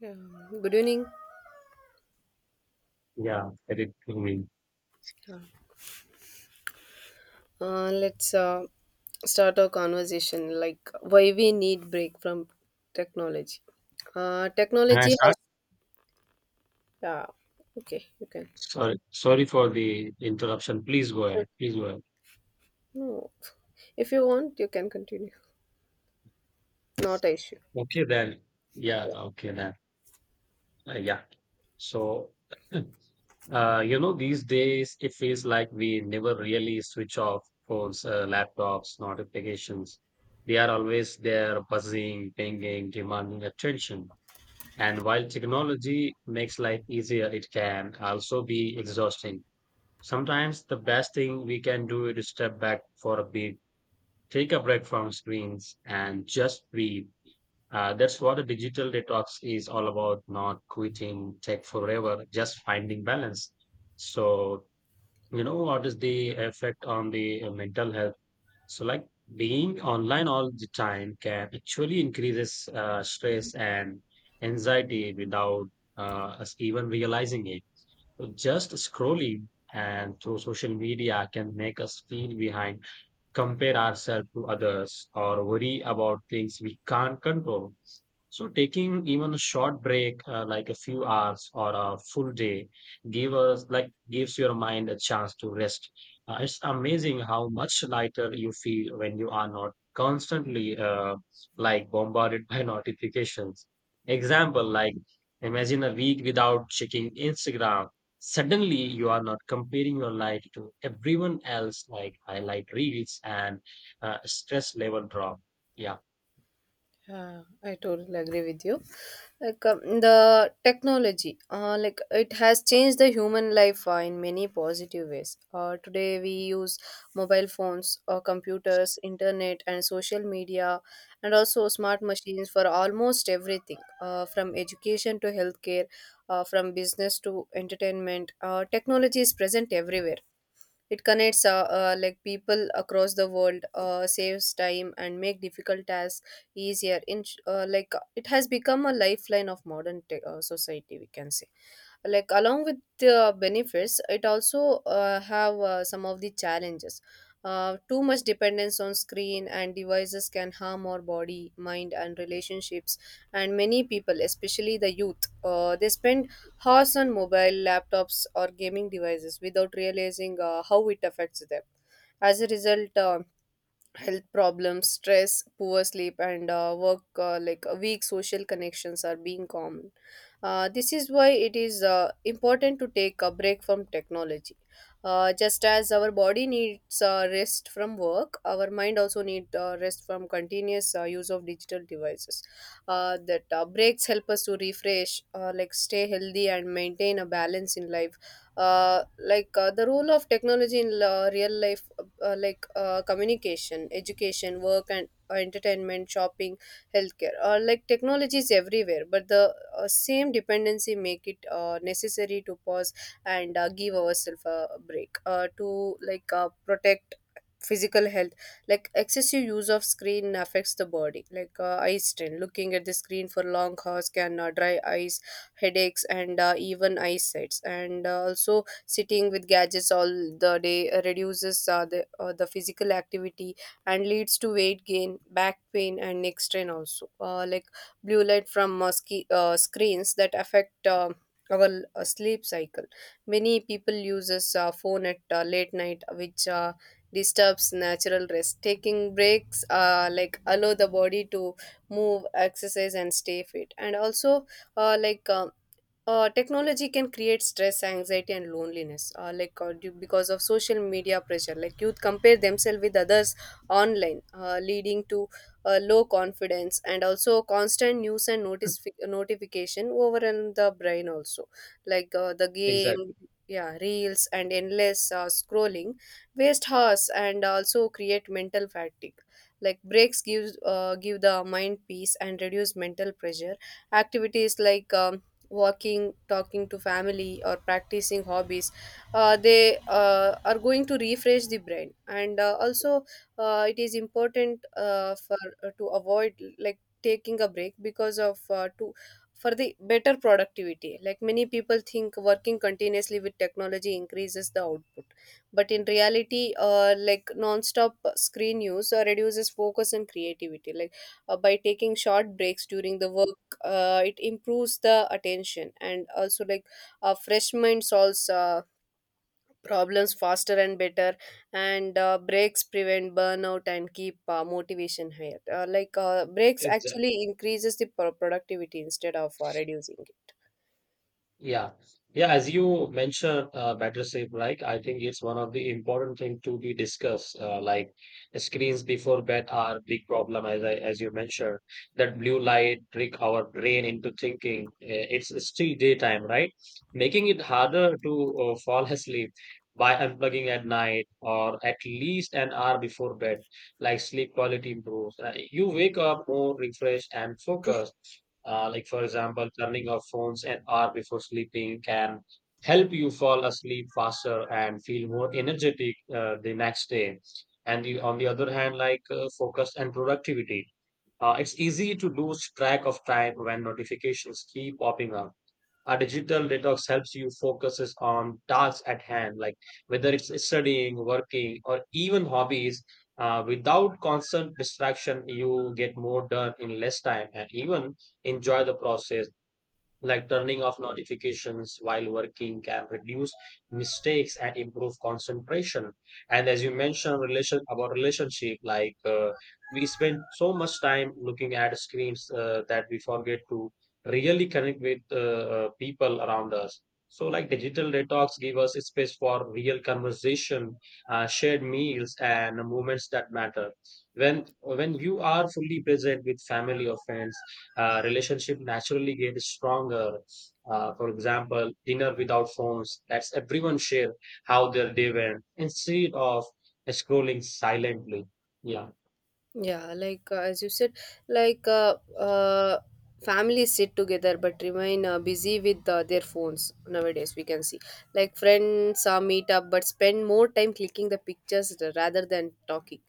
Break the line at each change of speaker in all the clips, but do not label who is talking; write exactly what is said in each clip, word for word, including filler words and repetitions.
Yeah. Good evening.
Yeah, very clearly.
Yeah. Uh, let's uh, start our conversation like why we need break from technology. Uh,
Can I
technology has
start?
uh, okay, you can.
Sorry, sorry for the interruption. Please go
So,
ahead. Please go ahead.
no, if you want, you can continue. Not an issue.
Okay, then. Yeah, okay, then. Uh, yeah. So, uh, you know, these days it feels like we never really switch off phones, uh, laptops, notifications. They are always there, buzzing, pinging, demanding attention. And while technology makes life easier, it can also be exhausting. Sometimes the best thing we can do is step back for a bit, take a break from screens, and just breathe. Uh, that's what a digital detox is all about, not quitting tech forever, just finding balance. So, you know, what is the effect on the uh, mental health? So, like being online all the time can actually increases uh, stress and anxiety without uh, us even realizing it. So just scrolling and through social media can make us feel behind, compare ourselves to others, or worry about things we can't control. So, taking even a short break, uh, like a few hours or a full day, give us like gives your mind a chance to rest. Uh, it's amazing how much lighter you feel when you are not constantly uh, like bombarded by notifications. Example, like imagine a week without checking Instagram. Suddenly, you are not comparing your life to everyone else, like highlight reels and uh, stress level drop. Yeah.
Yeah, I totally agree with you. Like um, the technology, uh, like it has changed the human life uh, in many positive ways. Uh, today we use mobile phones, uh, computers, internet, and social media, and also smart machines for almost everything, uh, from education to healthcare, uh, from business to entertainment. Uh, technology is present everywhere. It connects uh, uh, like people across the world, uh, saves time and make difficult tasks easier. In sh- uh, like uh, it has become a lifeline of modern te- uh, society, we can say. Like along with the benefits it also uh, have uh, some of the challenges. Uh, too much dependence on screen and devices can harm our body, mind and relationships, and many people, especially the youth, uh, they spend hours on mobile, laptops or gaming devices without realizing uh, how it affects them. As a result, uh, health problems, stress, poor sleep and uh, work uh, like uh, weak social connections are being common. Uh, this is why it is uh, important to take a break from technology. Uh, just as our body needs uh, rest from work, our mind also needs uh, rest from continuous uh, use of digital devices. Uh, that uh, Breaks help us to refresh, uh, like stay healthy and maintain a balance in life. Uh, like uh, the role of technology in la- real life, uh, like uh, communication, education, work and uh, entertainment, shopping, healthcare. Uh, like technology is everywhere, but the uh, same dependency make it uh, necessary to pause and uh, give ourselves a break uh, to like uh, protect physical health. Like excessive use of screen affects the body, like uh, eye strain, looking at the screen for long hours can uh, dry eyes, headaches and uh, even eyesight. And uh, also sitting with gadgets all the day uh, reduces uh, the, uh, the physical activity and leads to weight gain, back pain and neck strain. Also uh, like blue light from uh, ski, uh, screens that affect uh, our uh, sleep cycle. Many people uses uh, phone at uh, late night, which uh, disturbs natural rest. Taking breaks uh, like allow the body to move, exercise and stay fit. And also uh, like um, uh, technology can create stress, anxiety and loneliness, uh, like uh, due, because of social media pressure. Like youth compare themselves with others online, uh, leading to uh, low confidence. And also constant news and notice notification over in the brain. Also like uh, the game
Exactly.
yeah, reels and endless uh, scrolling waste hours and also create mental fatigue. Like breaks gives uh, give the mind peace and reduce mental pressure. Activities like um, walking, talking to family or practicing hobbies, uh, they uh, are going to refresh the brain. And uh, also uh, it is important uh, for uh, to avoid like taking a break because of uh, to for the better productivity. Like many people think working continuously with technology increases the output, but in reality uh, like non-stop screen use uh, reduces focus and creativity. Like uh, by taking short breaks during the work, uh, it improves the attention. And also like uh, fresh mind solves uh, problems faster and better. And uh, breaks prevent burnout and keep uh, motivation higher. Uh, like uh, breaks actually increases the pro- productivity instead of uh, reducing it.
Yeah. Yeah, as you mentioned, uh, better safe, like I think it's one of the important thing to be discussed. Uh, like screens before bed are big problem, as I as you mentioned. That blue light trick our brain into thinking uh, it's still daytime, right? Making it harder to uh, fall asleep by unplugging at night or at least an hour before bed. Like sleep quality improves. Uh, you wake up more refreshed and focused uh, like, for example, turning off phones an hour before sleeping can help you fall asleep faster and feel more energetic uh, the next day. And the, on the other hand, like uh, focus and productivity. Uh, it's easy to lose track of time when notifications keep popping up. A digital detox helps you focuses on tasks at hand, like whether it's studying, working or even hobbies, uh, without constant distraction. You get more done in less time and even enjoy the process, like turning off notifications while working can reduce mistakes and improve concentration. And as you mentioned, relation about relationship, like uh, we spend so much time looking at screens uh, that we forget to really connect with uh, uh, people around us. So, like digital detox give us a space for real conversation, uh, shared meals, and moments that matter. When when you are fully present with family or friends, uh, relationship naturally get stronger. Uh, for example, dinner without phones. That's everyone share how their day went instead of scrolling silently. Yeah.
Yeah, like uh, as you said, like uh, uh, families sit together but remain uh, busy with uh, their phones nowadays. We can see like friends uh, meet up but spend more time clicking the pictures rather than talking.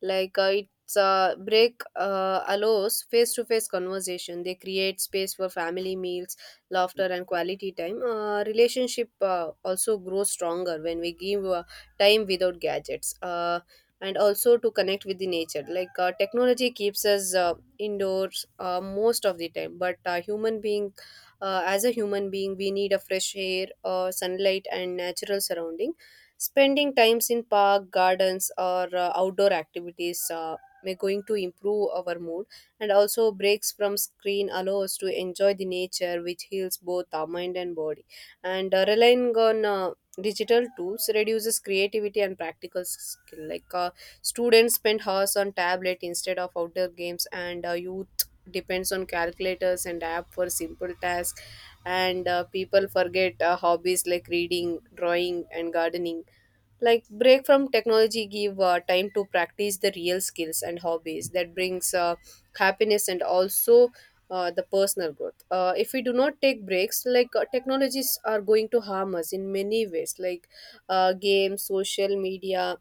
Like uh, it's uh, break uh, allows face to face conversation. They create space for family meals, laughter, and quality time. Uh, relationship uh, also grows stronger when we give uh, time without gadgets. Uh, and also to connect with the nature. Like uh, technology keeps us uh, indoors uh, most of the time, but uh, human being uh, as a human being we need a fresh air, uh, sunlight and natural surrounding. Spending times in park, gardens or uh, outdoor activities uh, may going to improve our mood. And also breaks from screen allow us to enjoy the nature, which heals both our mind and body. And uh, relying on uh, digital tools reduces creativity and practical skill. Like uh, students spend hours on tablet instead of outdoor games, and uh, youth depends on calculators and app for simple tasks. And uh, people forget uh, hobbies like reading, drawing, and gardening. Like break from technology give uh, time to practice the real skills and hobbies that brings uh, happiness and also uh, the personal growth. Uh, if we do not take breaks, like uh, technologies are going to harm us in many ways, like uh, games, social media,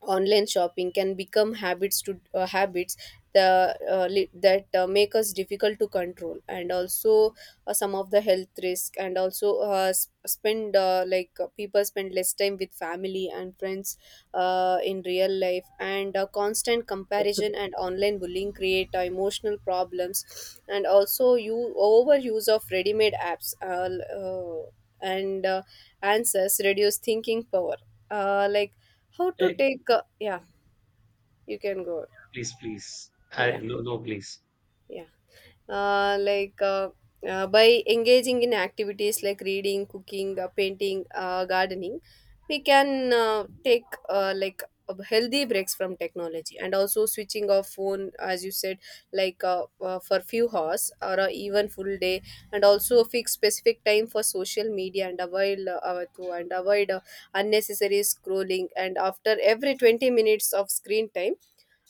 online shopping can become habits to uh, habits the, uh, li- that uh, make us difficult to control. And also uh, some of the health risk. And also uh, s- spend uh, like uh, people spend less time with family and friends uh, in real life. And uh, constant comparison and online bullying create uh, emotional problems. And also you overuse of ready-made apps, uh, l- uh, and uh, answers reduce thinking power. Uh, like how to
Hey,
take uh, Yeah, you can go.
please, please. I,
Yeah.
no, no, please.
Yeah. uh, like uh, uh, by engaging in activities like reading, cooking, uh, painting, uh, gardening, we can uh, take uh, like uh, healthy breaks from technology. And also switching off phone, as you said, like uh, uh, for few hours or uh, even full day. And also fix specific time for social media and avoid uh, uh, to- and avoid uh, unnecessary scrolling. And after every twenty minutes of screen time,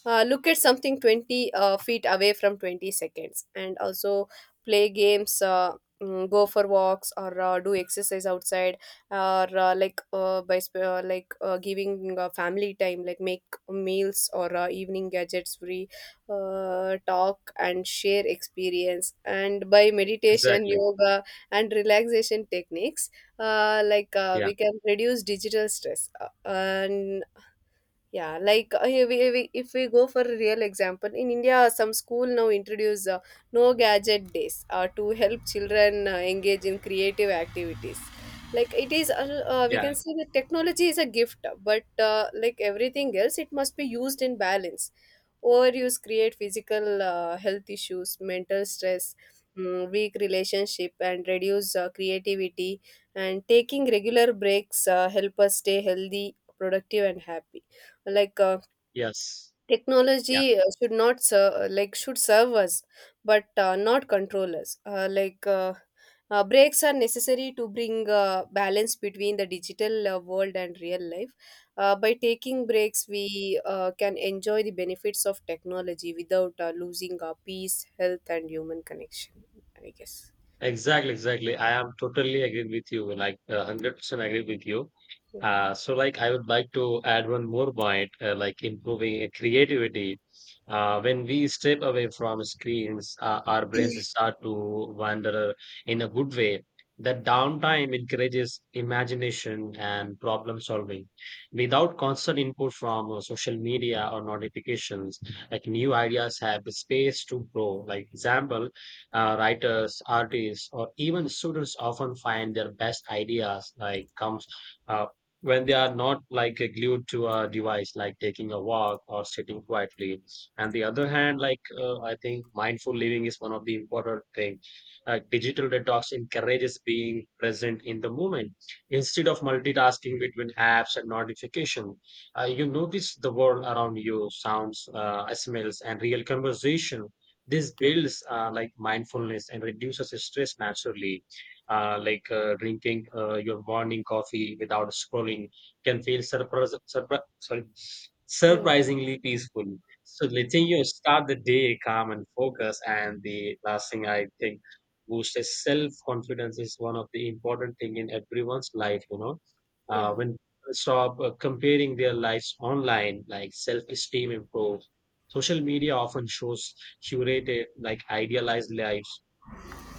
uh, look at something twenty uh, feet away from twenty seconds. And also play games, uh, mm, go for walks or uh, do exercise outside. Or uh, like uh, by sp- uh, like uh, giving uh, family time, like make meals or uh, evening gadgets free, uh, talk and share experience. And by meditation,
Exactly.
yoga and relaxation techniques, uh, like uh,
Yeah.
we can reduce digital stress. Uh, and Yeah, like uh, if we, we- if we go for a real example, in India, some school now introduce uh, no gadget days uh, to help children uh, engage in creative activities. Like it is, uh, uh, we
Yeah.
can see that technology is a gift, but uh, like everything else, it must be used in balance. Overuse create physical uh, health issues, mental stress, mm, weak relationship, and reduce uh, creativity. And taking regular breaks uh, help us stay healthy, productive, and happy. Like uh,
Yes. Yeah.
Technology uh, should not serve, like should serve us, but uh, not control us. Uh, like uh, uh, breaks are necessary to bring uh, balance between the digital uh, world and real life. Uh, by taking breaks, we uh, can enjoy the benefits of technology without uh, losing our peace, health, and human connection. I guess.
Exactly, exactly. I am totally agreed with you, like uh, one hundred percent agreed with you. Uh, so, like, I would like to add one more point, uh, like improving uh, creativity. Uh, when we step away from screens, uh, our brains start to wander in a good way. That downtime encourages imagination and problem solving. Without constant input from uh, social media or notifications, like new ideas have space to grow. Like example, uh, writers, artists, or even students often find their best ideas like comes uh, when they are not like glued to a device, like taking a walk or sitting quietly. And the other hand, like uh, I think mindful living is one of the important things. Uh, digital detox encourages being present in the moment instead of multitasking between apps and notification. Uh, you notice the world around you, sounds, uh, smells, and real conversation. This builds uh, like mindfulness and reduces stress naturally. Uh, like uh, drinking uh, your morning coffee without scrolling can feel surprise, surpri- sorry,
Yeah.
surprisingly peaceful. So letting you start the day calm and focused. And the last thing I think boosts self confidence is one of the important thing in everyone's life. You know,
Yeah.
uh, when people stop uh, comparing their lives online, like self esteem improves. Social media often shows curated, like idealized lives,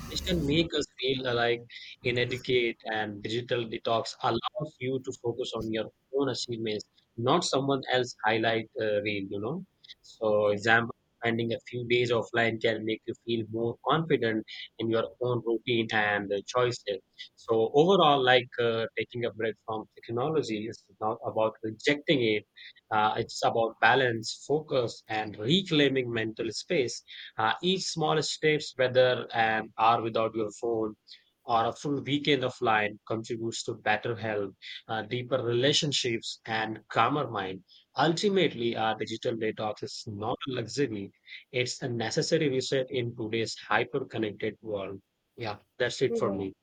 which can make us feel like inadequate, and digital detox allows you to focus on your own achievements, not someone else highlight uh, reel, you know. So
Yeah.
example, spending a few days offline can make you feel more confident in your own routine and uh, choices. So overall, like uh, taking a break from technology is not about rejecting it. Uh, it's about balance, focus, and reclaiming mental space. Uh, each small steps, whether an hour without your phone or a full weekend offline, contributes to better health, uh, deeper relationships, and calmer mind. Ultimately, our digital detox is not a luxury; it's a necessary reset in today's hyper-connected world. Yeah, that's it for
Yeah.
me.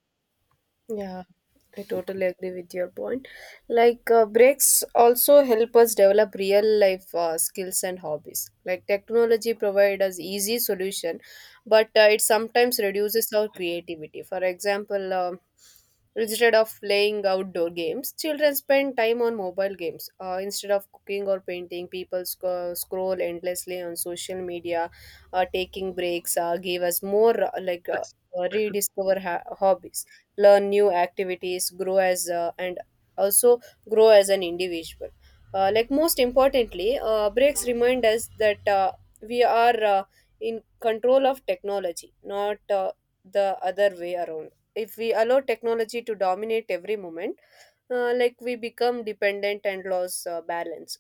Yeah, I totally agree with your point. Like uh, breaks also help us develop real life uh, skills and hobbies. Like technology provides us easy solution, but uh, it sometimes reduces our creativity. For example, um instead of playing outdoor games, children spend time on mobile games. Uh, instead of cooking or painting, people sc- scroll endlessly on social media. Uh, taking breaks uh, gave us more uh, like. Uh, uh, rediscover ha- hobbies, learn new activities, grow as uh, and also grow as an individual. Uh, like most importantly, uh, breaks remind us that uh, we are uh, in control of technology, not uh, the other way around. If we allow technology to dominate every moment, uh, like we become dependent and lose uh, balance.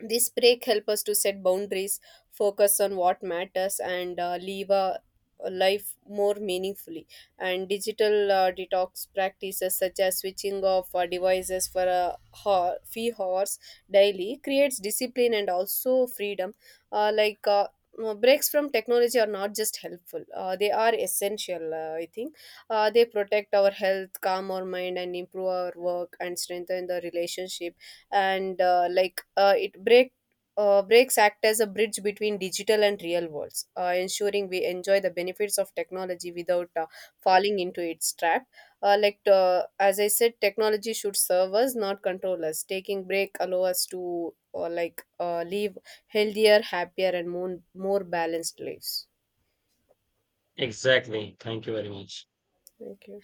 This break help us to set boundaries, focus on what matters and uh, live a a life more meaningfully. And digital uh, detox practices such as switching off uh, devices for a ho- few hours daily creates discipline and also freedom. uh, like uh, uh, Breaks from technology are not just helpful, uh, they are essential, uh, I think. Uh, they protect our health, calm our mind and improve our work and strengthen the relationship. And uh, like uh, it break uh, breaks act as a bridge between digital and real worlds, uh, ensuring we enjoy the benefits of technology without uh, falling into its trap. Uh, like uh, as I said, technology should serve us, not control us. Taking break allow us to uh, like uh, live healthier, happier, and more more balanced lives.
Exactly. Thank you very much.
Thank you.